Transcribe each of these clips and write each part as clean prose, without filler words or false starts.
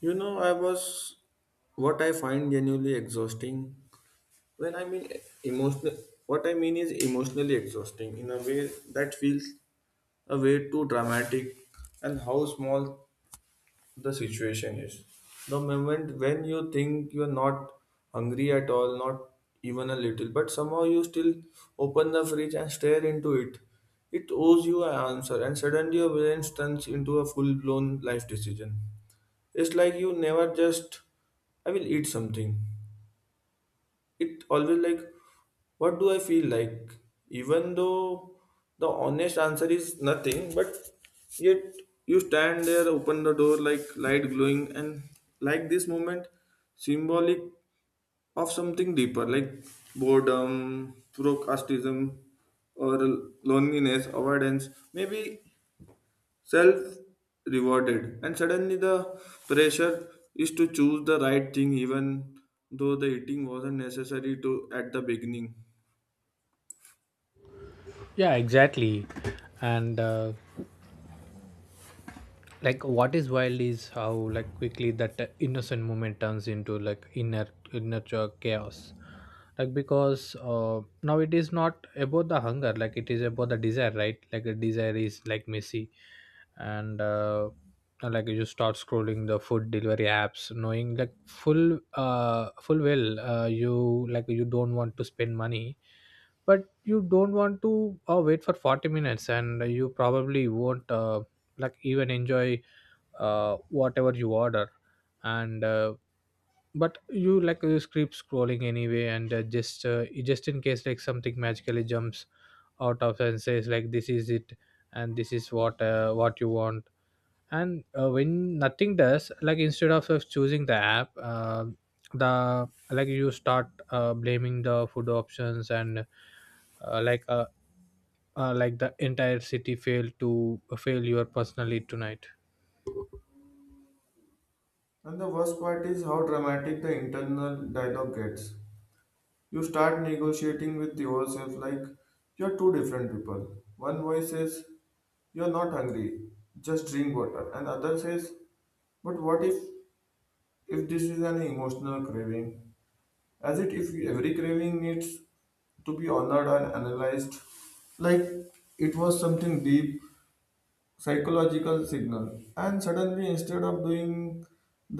You know, I was What I find genuinely exhausting. When I mean emotional, what I mean is emotionally exhausting in a way that feels a way too dramatic and how small the situation is. The moment when you think you're not hungry at all, not even a little, but somehow you still open the fridge and stare into it, it owes you an answer, and suddenly your brain turns into a full blown life decision. It's like you never just, I will eat something. It always like, what do I feel like? Even though the honest answer is nothing, but yet you stand there, open the door like light glowing, and like this moment, symbolic of something deeper, like boredom, procrastination, or loneliness, avoidance. Maybe self rewarded and suddenly the pressure is to choose the right thing even though the eating wasn't necessary to at the beginning. Yeah, exactly. And like, what is wild is how like quickly that innocent moment turns into like inner chaos. Like because now it is not about the hunger, like it is about the desire, right? Like a desire is like messy, and like you start scrolling the food delivery apps, knowing like full well you like you don't want to spend money, but you don't want to wait for 40 minutes and you probably won't like even enjoy whatever you order and but you like you keep scrolling anyway and just in case like something magically jumps out of and says like this is it and this is what you want and when nothing does, like instead of choosing the app, the like you start blaming the food options and uh, like uh, like the entire city failed to fail your personally tonight. And the worst part is how dramatic the internal dialogue gets. You start negotiating with yourself like you're two different people. One voice says, "You're not hungry, just drink water." And other says, "But what if this is an emotional craving?" as it if every craving needs to be honored and analyzed like it was something deep psychological signal, and suddenly instead of doing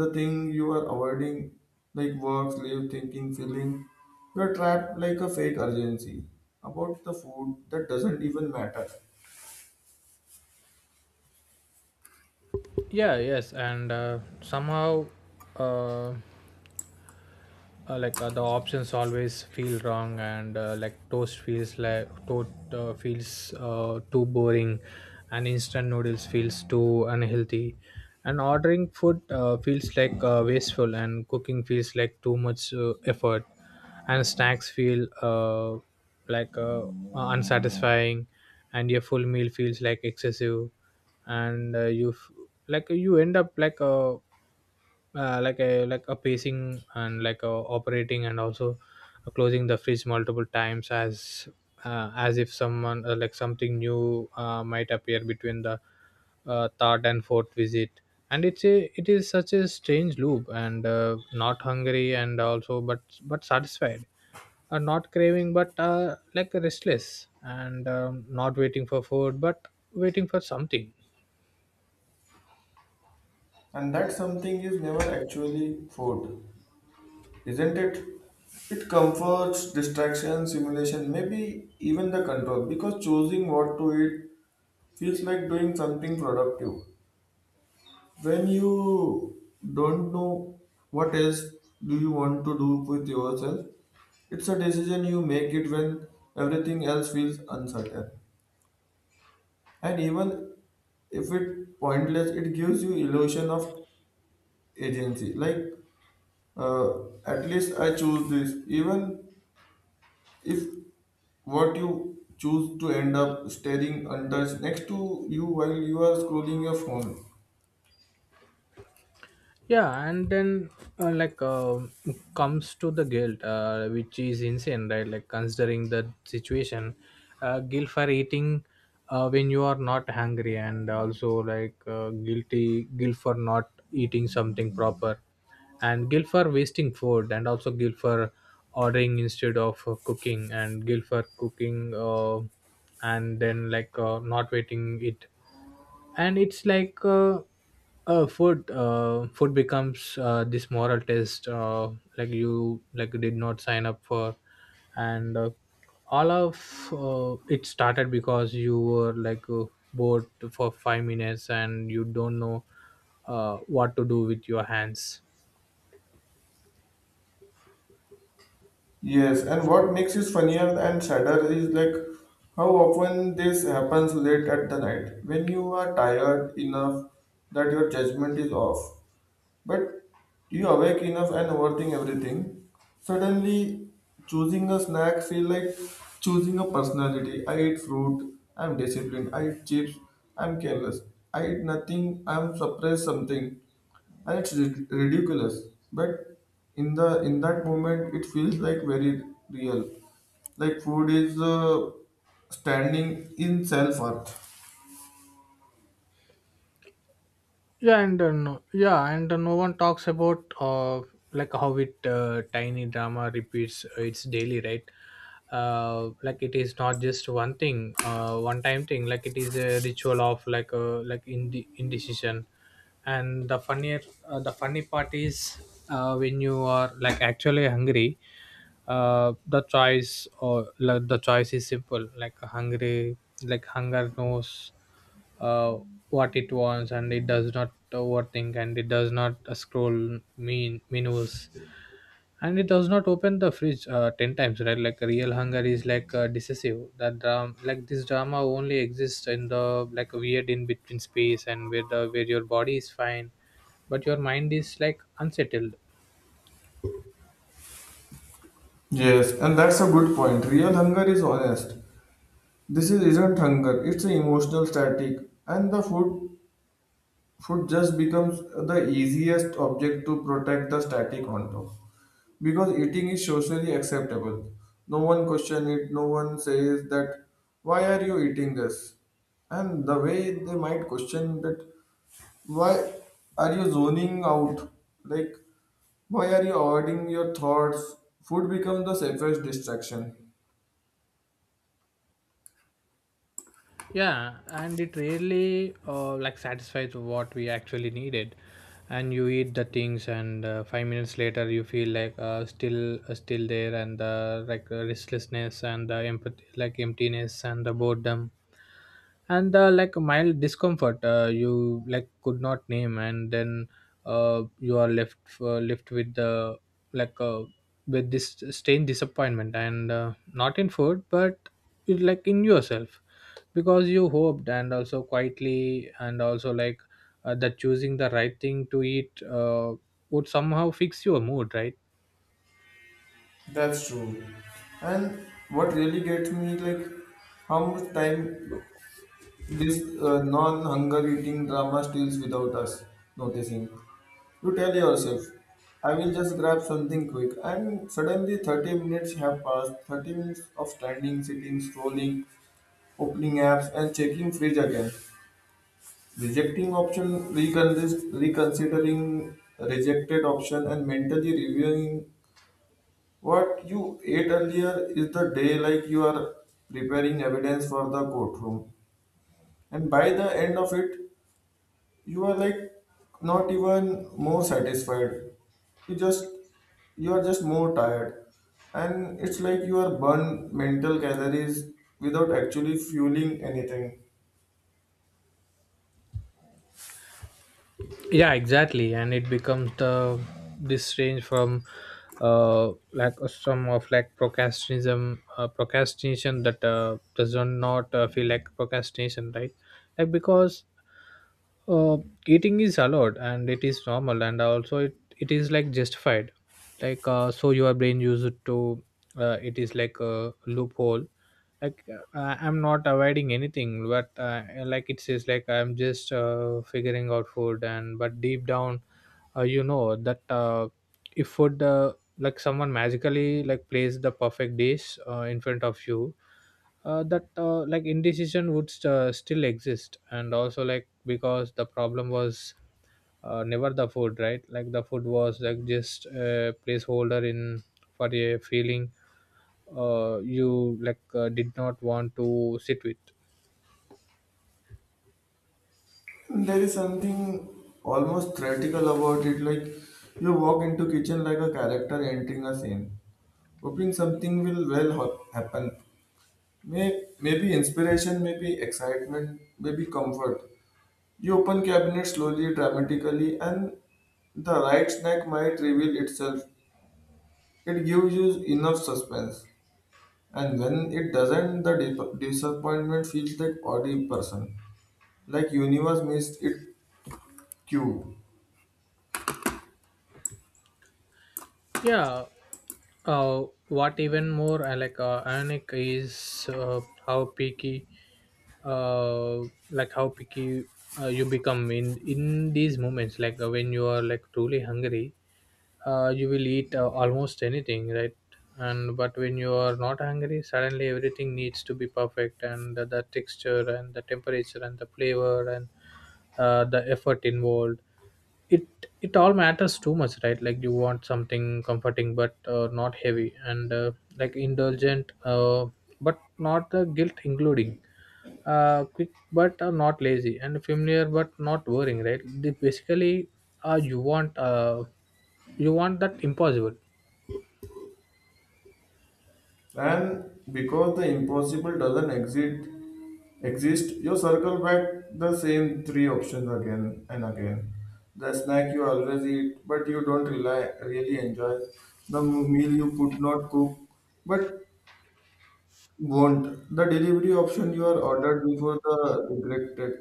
the thing you are avoiding, like work, sleep, thinking, feeling, you're trapped like a fake urgency about the food that doesn't even matter. Yeah, yes, and somehow uh, the options always feel wrong and like toast feels like toast, feels too boring and instant noodles feels too unhealthy and ordering food feels like wasteful, and cooking feels like too much effort, and snacks feel like uh, unsatisfying, and your full meal feels like excessive, and like you end up like a like a pacing and like a operating, and also closing the fridge multiple times as if someone like something new might appear between the third and fourth visit. And it is such a strange loop and not hungry and also but but satisfied, not craving but like restless, and not waiting for food but waiting for something. And that something is never actually food, isn't it? It comforts distraction, simulation, maybe even the control, because choosing what to eat feels like doing something productive. When you don't know what else do you want to do with yourself, it's a decision you make it when everything else feels uncertain. And even if it pointless, it gives you illusion of agency. Like, at least I choose this. Even if what you choose to end up staring untouched next to you while you are scrolling your phone. Yeah, and then uh, like um comes to the guilt, which is insane, right? Like considering the situation, guilt for eating when you are not hungry, and also like guilt for not eating something proper, and guilt for wasting food, and also guilt for ordering instead of cooking, and guilt for cooking and then not waiting it. And it's like food becomes this moral test like you like did not sign up for. And all of it started because you were bored for 5 minutes and you don't know what to do with your hands. Yes, and what makes it funnier and sadder is like how often this happens late at the night when you are tired enough that your judgment is off. But you awake enough and overthink everything. Suddenly, choosing a snack feel like choosing a personality. I eat fruit. I'm disciplined. I eat chips. I'm careless. I eat nothing. I'm suppress something, and it's ridiculous. But in the in that moment, it feels like very real. Like food is standing in self worth. Yeah. And yeah, and no one talks about like how it tiny drama repeats its daily, right? Like it is not just one thing, one time thing, like it is a ritual of like indecision. And the funny part is when you are like actually hungry, the choice or, like, the choice is simple. Like hungry, like hunger knows uh what it wants, and it does not overthink, and it does not scroll mean menus, and it does not open the fridge 10 times, right? Like real hunger is like decisive. That drama like this drama only exists in the like weird in between space, and where the where your body is fine but your mind is like unsettled. Yes, and that's a good point. Real hunger is honest. This is, isn't hunger, it's an emotional static, and the food just becomes the easiest object to protect the static onto. Because eating is socially acceptable. No one question it, no one says that why are you eating this? And the way they might question that why are you zoning out? Like why are you avoiding your thoughts? Food becomes the safest distraction. Yeah, and it really like satisfies what we actually needed. And you eat the things, and 5 minutes later you feel like still there, and the like restlessness, and the empathy like emptiness, and the boredom, and the like mild discomfort you like could not name. And then you are left with the like uh, with this strange disappointment, and not in food but it like in yourself, because you hoped, and also quietly, and also like that choosing the right thing to eat would somehow fix your mood, right? That's true. And what really gets me, like, how much time this non-hunger eating drama steals without us noticing. You tell yourself, I will just grab something quick, and suddenly 30 minutes have passed. 30 minutes of standing, sitting, scrolling, opening apps, and checking fridge again. Rejecting option, reconsidering rejected option, and mentally reviewing what you ate earlier is the day like you are preparing evidence for the courtroom. And by the end of it, you are like not even more satisfied. You just you are just more tired. And it's like you are burn mental calories without actually fueling anything. Yeah, exactly. And it becomes the this range from like some of like procrastinism procrastination that does not feel like procrastination, right? Like because uh, eating is allowed, and it is normal, and also it is like justified. Like so your brain used to it is like a loophole. Like I'm not avoiding anything, but like it says like I'm just figuring out food. And but deep down, you know that if food like someone magically like plays the perfect dish in front of you, that like indecision would still exist, and also like because the problem was never the food, right? Like the food was like just a placeholder in for a feeling you like did not want to sit with. There is something almost theatrical about it, like you walk into kitchen like a character entering a scene, hoping something will well happen. Maybe inspiration, maybe excitement, maybe comfort. You open cabinet slowly, dramatically, and the right snack might reveal itself. It gives you enough suspense. And when it doesn't, the disappointment feels like odd person. Like universe missed it cue. Yeah. What even more I like ironic is how picky, uh, how picky you become in these moments. Like when you are like truly hungry, you will eat almost anything, right? And but when you are not hungry, suddenly everything needs to be perfect, and the texture, and the temperature, and the flavor, and the effort involved, it it all matters too much, right? Like you want something comforting but not heavy, and like indulgent but not the guilt including, quick but not lazy, and familiar but not worrying, right? They basically uh, you want uh, you want that impossible. And because the impossible doesn't exist, you circle back the same three options again and again. The snack you always eat, but you don't really enjoy. The meal you could not cook, but won't. The delivery option you are ordered before the regretted.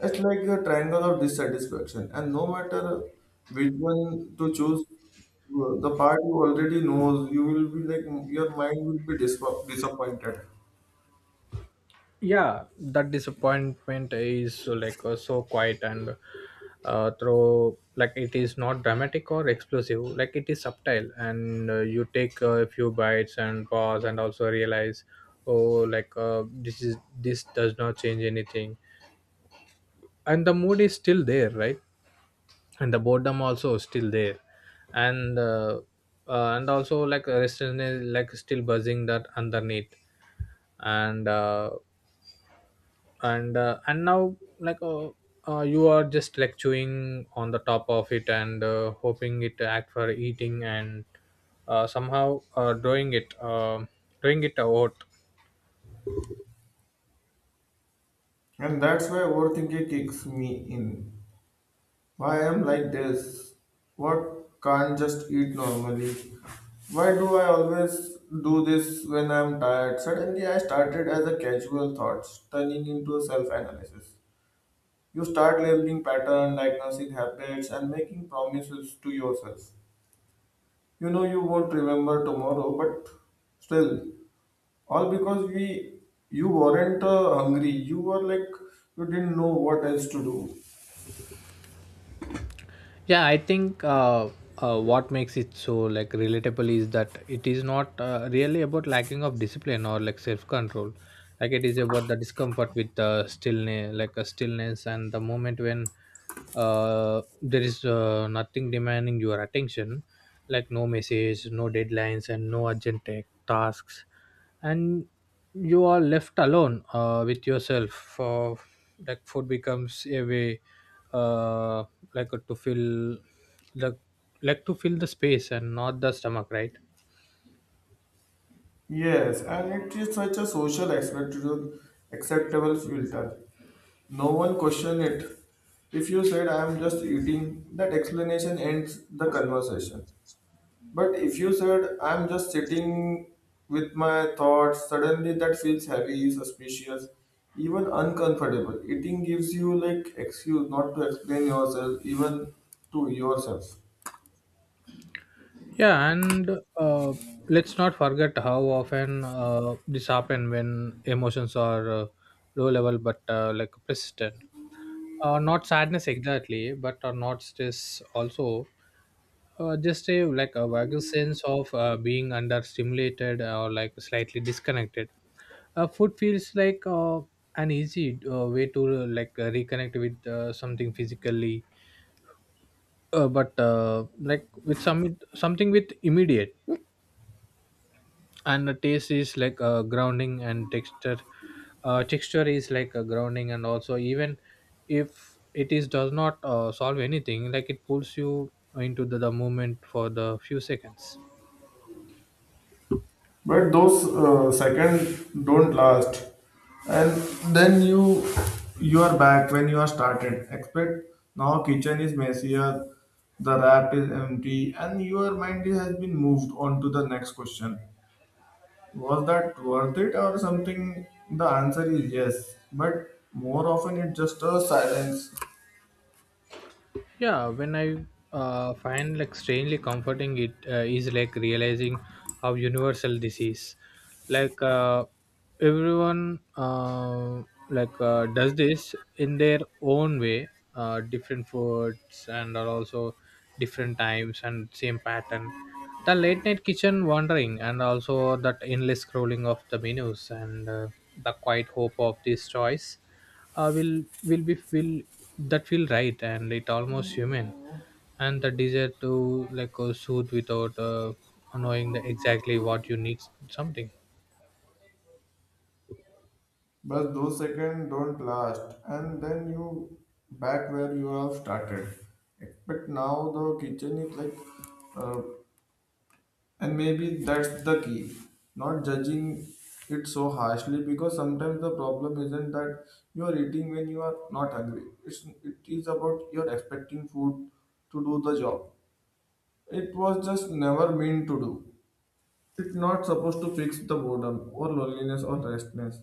It's like a triangle of dissatisfaction, and no matter which one to choose, the part you already knows, you will be like your mind will be disappointed, Yeah, that disappointment is so quiet and through, like it is not dramatic or explosive, like it is subtle. And you take a few bites and pause, and also realize, oh, like this is this does not change anything, and the mood is still there, right? And the boredom also still there, and and also like restlessness like still buzzing that underneath, and uh, and and now like you are just like chewing on the top of it and hoping it act for eating, and somehow drawing it out. and that's why overthinking kicks me in. Why I'm like this? What can't just eat normally? Why do I always do this when I'm tired? Suddenly I started as a casual thoughts, turning into a self-analysis. You start labeling pattern, diagnosing habits, and making promises to yourself. You know you won't remember tomorrow, but still, all because we you weren't hungry. You were like you didn't know what else to do. Yeah, I think what makes it so like relatable is that it is not really about lacking of discipline or like self control. Like it is about the discomfort with the stillness, like a stillness and the moment when there is nothing demanding your attention. Like no message, no deadlines, and no urgent tasks, and you are left alone with yourself. For like food becomes a way uh, to fill the like to fill the space and not the stomach, right? Yes, and it is such a social acceptable filter. No one question it. If you said I am just eating, that explanation ends the conversation. But if you said I am just sitting with my thoughts, suddenly that feels heavy, suspicious, even uncomfortable. Eating gives you like excuse not to explain yourself even to yourself. Yeah, and uh, let's not forget how often this happen when emotions are low level but like persistent. Not sadness exactly but not stress, also just a like a vague sense of being under stimulated, or like slightly disconnected. Food feels like an easy way to reconnect with something physically, but like with some something with immediate. And the taste is like grounding, and texture is like a grounding, and also even if it is does not solve anything, like it pulls you into the moment for the few seconds. But those second don't last, and then you are back when you are started expect. Now kitchen is messier, the wrap is empty, and your mind has been moved on to the next question. Was that worth it or something? The answer is yes, but more often it's just a silence. Yeah, when I find like strangely comforting it is like realizing how universal this is. Like everyone does this in their own way, different foods, and are also different times, and same pattern. The late night kitchen wandering, and also that endless scrolling of the menus, and the quiet hope of this choice will that feel right, and it almost human, and the desire to like soothe without knowing the exactly what you need, something. But those seconds don't last, and then you back where you have started. But now the kitchen is like, uh, and maybe that's the key. Not judging it so harshly because sometimes the problem isn't that you are eating when you are not hungry. It is about you're expecting food to do the job. It was just never meant to do. It's not supposed to fix the boredom or loneliness or restlessness.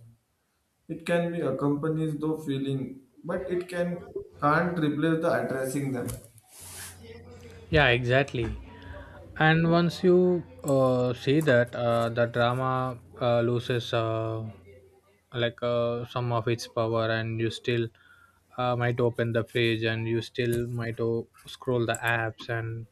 It can be accompanies though feeling, but it can't replace the addressing them. Yeah, exactly. And once you see that the drama loses some of its power. And you still might open the fridge, and you still might scroll the apps, and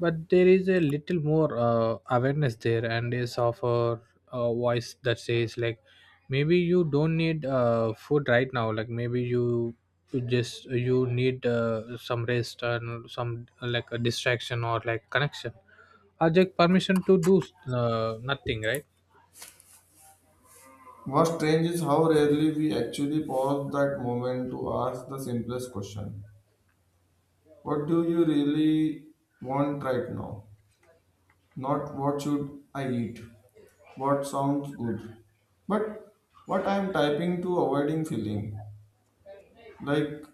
but there is a little more awareness there, and is of a voice that says like, maybe you don't need food right now. Like maybe you just you need some rest, and some like a distraction, or like connection. I just permission to do nothing, right? What's strange is how rarely we actually pause that moment to ask the simplest question. What do you really want right now? Not what should I eat? What sounds good? But what I am typing to avoiding feeling. Like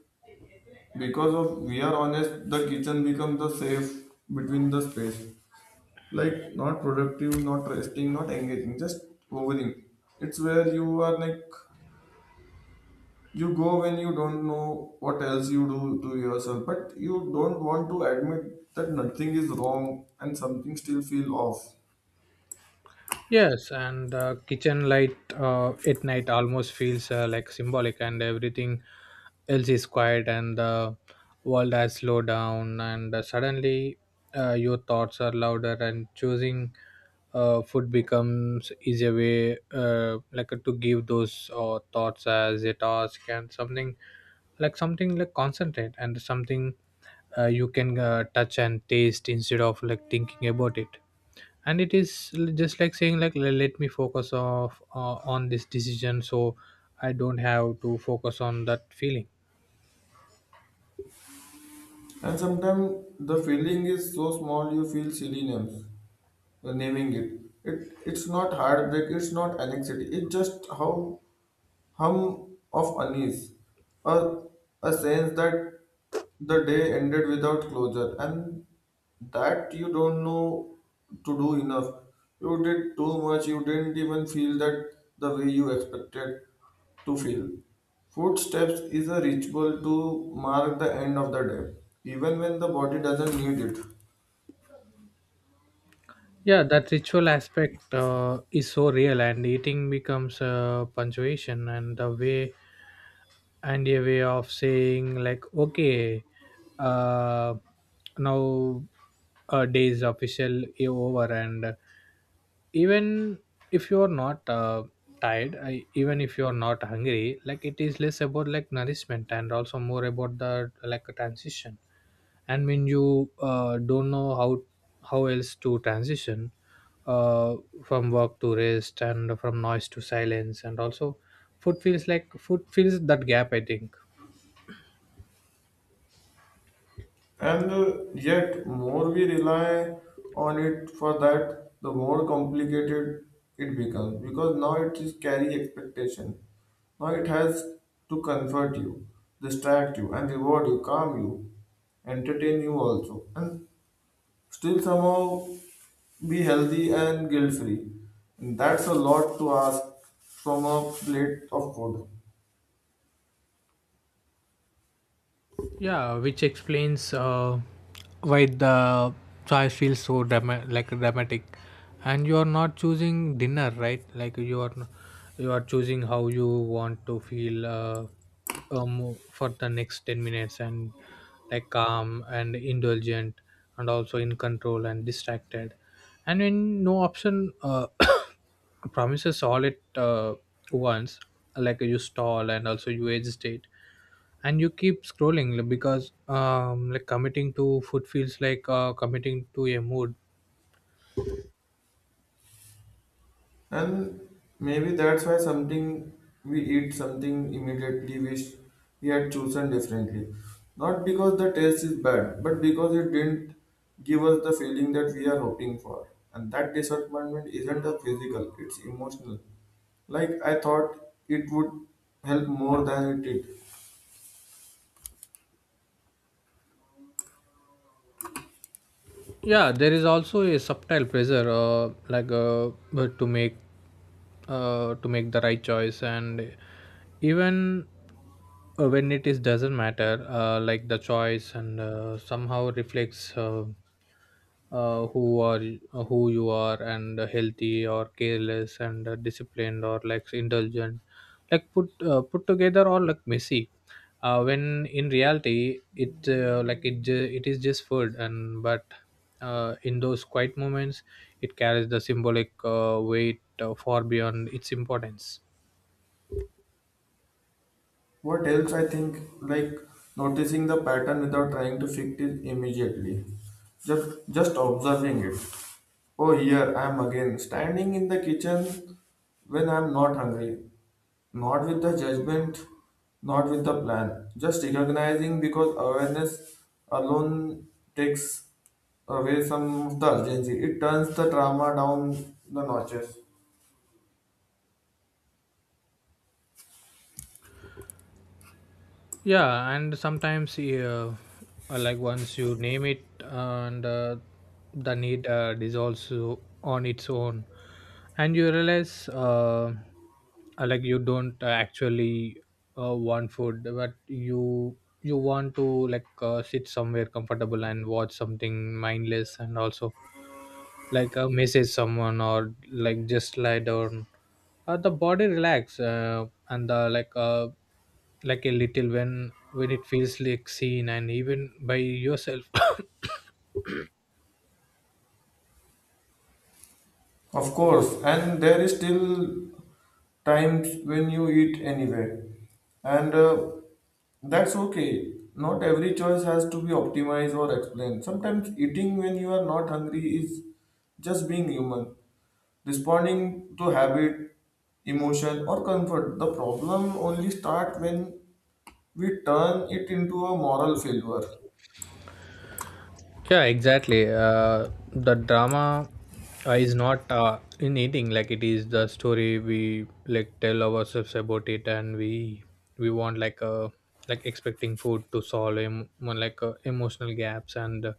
because of we are honest, the kitchen becomes the safe between the space. Like not productive, not resting, not engaging, just hovering. It's where you are like you go when you don't know what else you do to yourself, but you don't want to admit that nothing is wrong and something still feel off. Yes, and kitchen light at night almost feels like symbolic, and everything else is quiet, and the world has slowed down, and suddenly your thoughts are louder, and choosing food becomes easier way, to give those thoughts as a task, and something like concentrate, and something you can touch and taste instead of like thinking about it. And it is just like saying like, Let me focus off on this decision so I don't have to focus on that feeling. And sometimes the feeling is so small you feel silly names, naming it. It's not heartbreak, it's not anxiety, it's just how hum of unease, a, a sense that the day ended without closure and that you don't know to do enough. You did too much, you didn't even feel that the way you expected to feel. Footsteps is a ritual to mark the end of the day, even when the body doesn't need it. Yeah, that ritual aspect is so real, and eating becomes a punctuation and the way, and a way of saying like, okay, uh now a day is official is over. And even if you are not tired, even if you are not hungry, like it is less about like nourishment and also more about the like a transition. And when you don't know how else to transition, uh, from work to rest and from noise to silence, and also food feels like food fills that gap, I think. And yet, more we rely on it for that, the more complicated it becomes because now it is carry expectation. Now it has to comfort you, distract you, and reward you, calm you, entertain you also, and still somehow be healthy and guilt free. That's a lot to ask from a plate of food. Yeah, which explains why the choice feels so like dramatic. And you are not choosing dinner, right? Like you are you are choosing how you want to feel, for the next 10 minutes. And like calm and indulgent, and also in control and distracted. And when no option promises all at once, like you stall and also you agitate, and you keep scrolling like, because like committing to food feels like committing to a mood. And maybe that's why something we eat something immediately wish we had chosen differently. Not because the taste is bad, but because it didn't give us the feeling that we are hoping for. And that disappointment isn't a physical, it's emotional. Like I thought it would help more than it did. Yeah, there is also a subtle pressure, but to make the right choice. And even when it is doesn't matter, like the choice, and somehow reflects, uh, who are who you are, and healthy or careless, and disciplined or like indulgent, like put together or like messy, when in reality it, it is just food. And but uh, in those quiet moments it carries the symbolic weight far beyond its importance. What else I think, like noticing the pattern without trying to fix it immediately, just observing it. Oh, here I am again, standing in the kitchen when I'm not hungry, not with the judgment, not with the plan, just recognizing because awareness alone takes away some of the urgency. It turns the drama down the notches. Yeah, and sometimes, like once you name it, and the need dissolves on its own, and you realize, like you don't actually want food, but you want to, like, sit somewhere comfortable and watch something mindless, and also like message someone or like just lie down. The body relax, and the like a little when it feels like seen, and even by yourself. Of course, and there is still times when you eat anywhere, and that's okay. Not every choice has to be optimized or explained. Sometimes eating when you are not hungry is just being human, responding to habit, emotion, or comfort. The problem only starts when we turn it into a moral failure. Yeah, exactly. The drama is not, in eating, like it is the story we like tell ourselves about it. And we want, like, like expecting food to solve more like emotional gaps, and uh,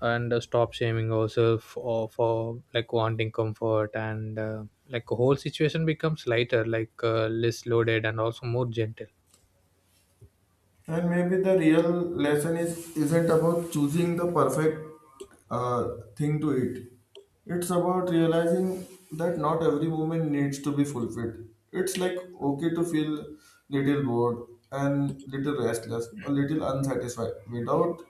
and uh, stop shaming ourselves for, like wanting comfort, and like the whole situation becomes lighter, like, less loaded and also more gentle. And maybe the real lesson is isn't about choosing the perfect uh, thing to eat. It's about realizing that not every woman needs to be fulfilled. It's like okay to feel little bored and little restless, a little unsatisfied without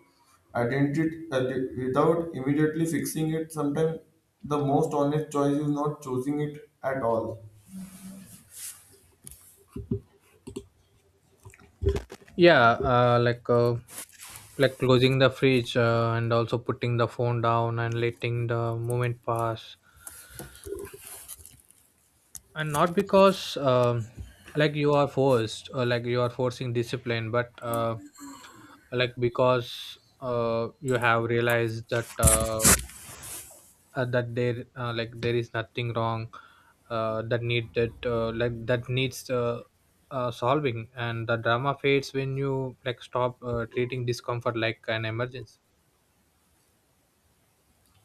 identity, without immediately fixing it. Sometimes the most honest choice is not choosing it at all. Yeah, like closing the fridge, and also putting the phone down and letting the moment pass. And not because, like you are forced or like you are forcing discipline, but, like because you have realized that, that there, like there is nothing wrong, that need that like that needs, solving. And the drama fades when you like stop treating discomfort like an emergency.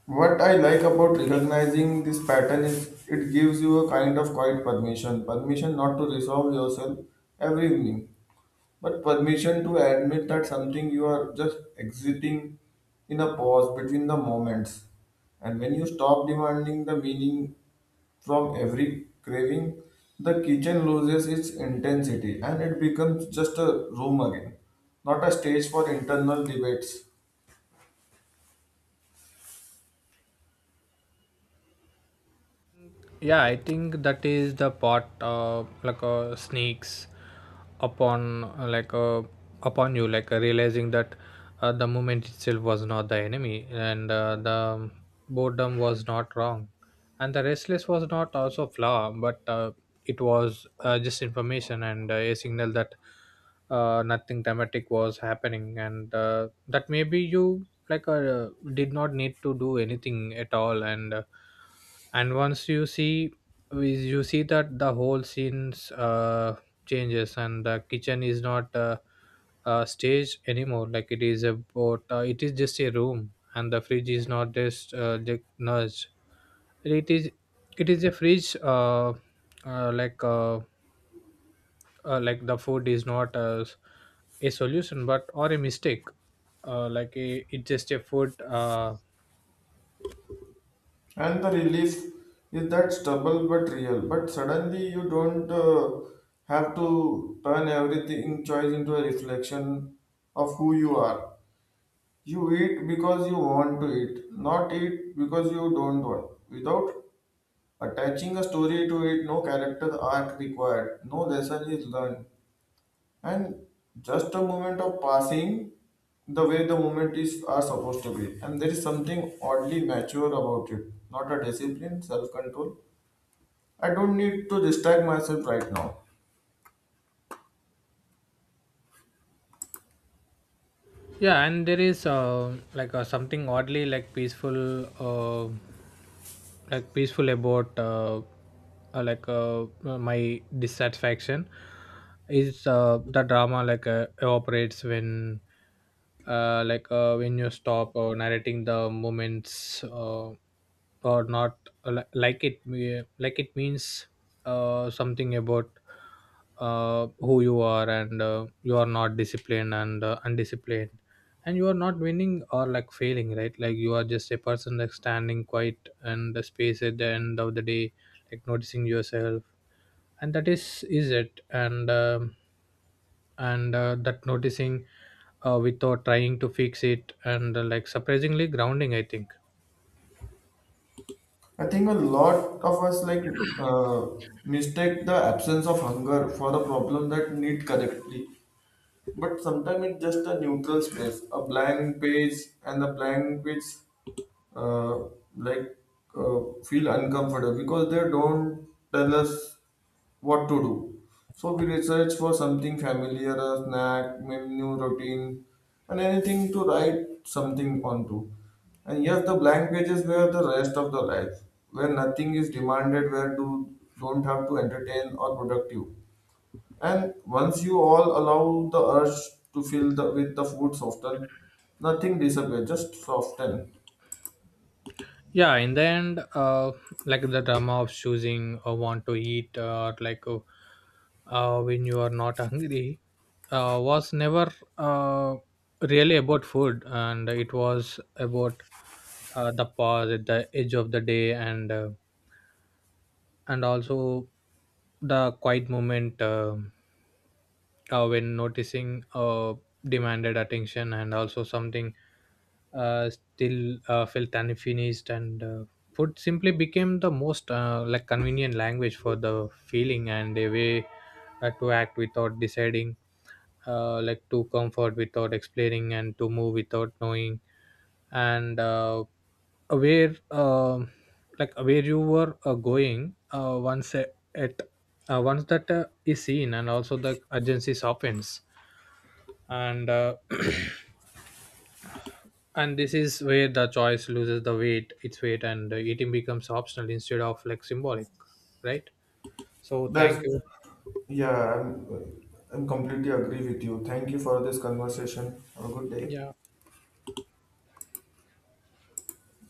What I like about recognizing this pattern is it gives you a kind of quiet permission. Permission not to resolve yourself every evening, but permission to admit that something you are just exiting in a pause between the moments. And when you stop demanding the meaning from every craving, the kitchen loses its intensity and it becomes just a room again, not a stage for internal debates. Yeah, I think that is the part, sneaks upon uh, like uh, upon you, like, realizing that, the moment itself was not the enemy, and the boredom was not wrong, and the restless was not also flaw. But, it was, just information, and, a signal that, nothing dramatic was happening, and that maybe you, like, did not need to do anything at all. And once you see is, you see that the whole scenes changes, and the kitchen is not a stage anymore, like it is about, it is just a room. And the fridge is not just the nudge, it is it is a fridge, uh, like uh, like the food is not a solution but or a mistake, like a, it's just a food. And the relief is that stubble but real. But suddenly you don't have to turn everything choice into a reflection of who you are. You eat because you want to eat, not eat because you don't want. Without attaching a story to it, no character arc required, no lesson is learned and just a moment of passing the way the moment is are supposed to be, and there is something oddly mature about it, not a discipline self-control. I don't need to distract myself right now. Yeah, and there is, something oddly like peaceful, uh, about, my dissatisfaction is, the drama, like, evaporates when, when you stop narrating the moments, or not, like it means, something about, who you are, and you are not disciplined, and undisciplined, and you are not winning or like failing, right? Like you are just a person, like standing quiet and the space at the end of the day, like noticing yourself, and that is it. And that noticing, without trying to fix it, and like surprisingly grounding, I think. I think a lot of us like uh, mistake the absence of hunger for the problem that need correctly, but sometimes it's just a neutral space, a blank page. And the blank page, uh, like uh, feel uncomfortable because they don't tell us what to do. So we research for something familiar, a snack, menu, routine, and anything to write something onto. And yes, the blank pages were the rest of the life, where nothing is demanded, where do don't have to entertain or productive. And once you all allow the urge to fill the with the food soften, nothing disappears, just soften. Yeah, in the end, like the drama of choosing or want to eat, or like, when you are not hungry, was never, uh, really about food. And it was about, the pause at the edge of the day, and also the quiet moment, when noticing demanded attention, and also something still felt unfinished. And Food simply became the most like convenient language for the feeling, and a way, to act without deciding, like to comfort without explaining, and to move without knowing, and where, like where you were, going, once at, once that is seen. And also the urgency softens, and and this is where the choice loses the weight its weight, and eating becomes optional instead of like symbolic, right? So thank That's you. yeah, I'm completely agree with you. Thank you for this conversation. Have a good day. Yeah.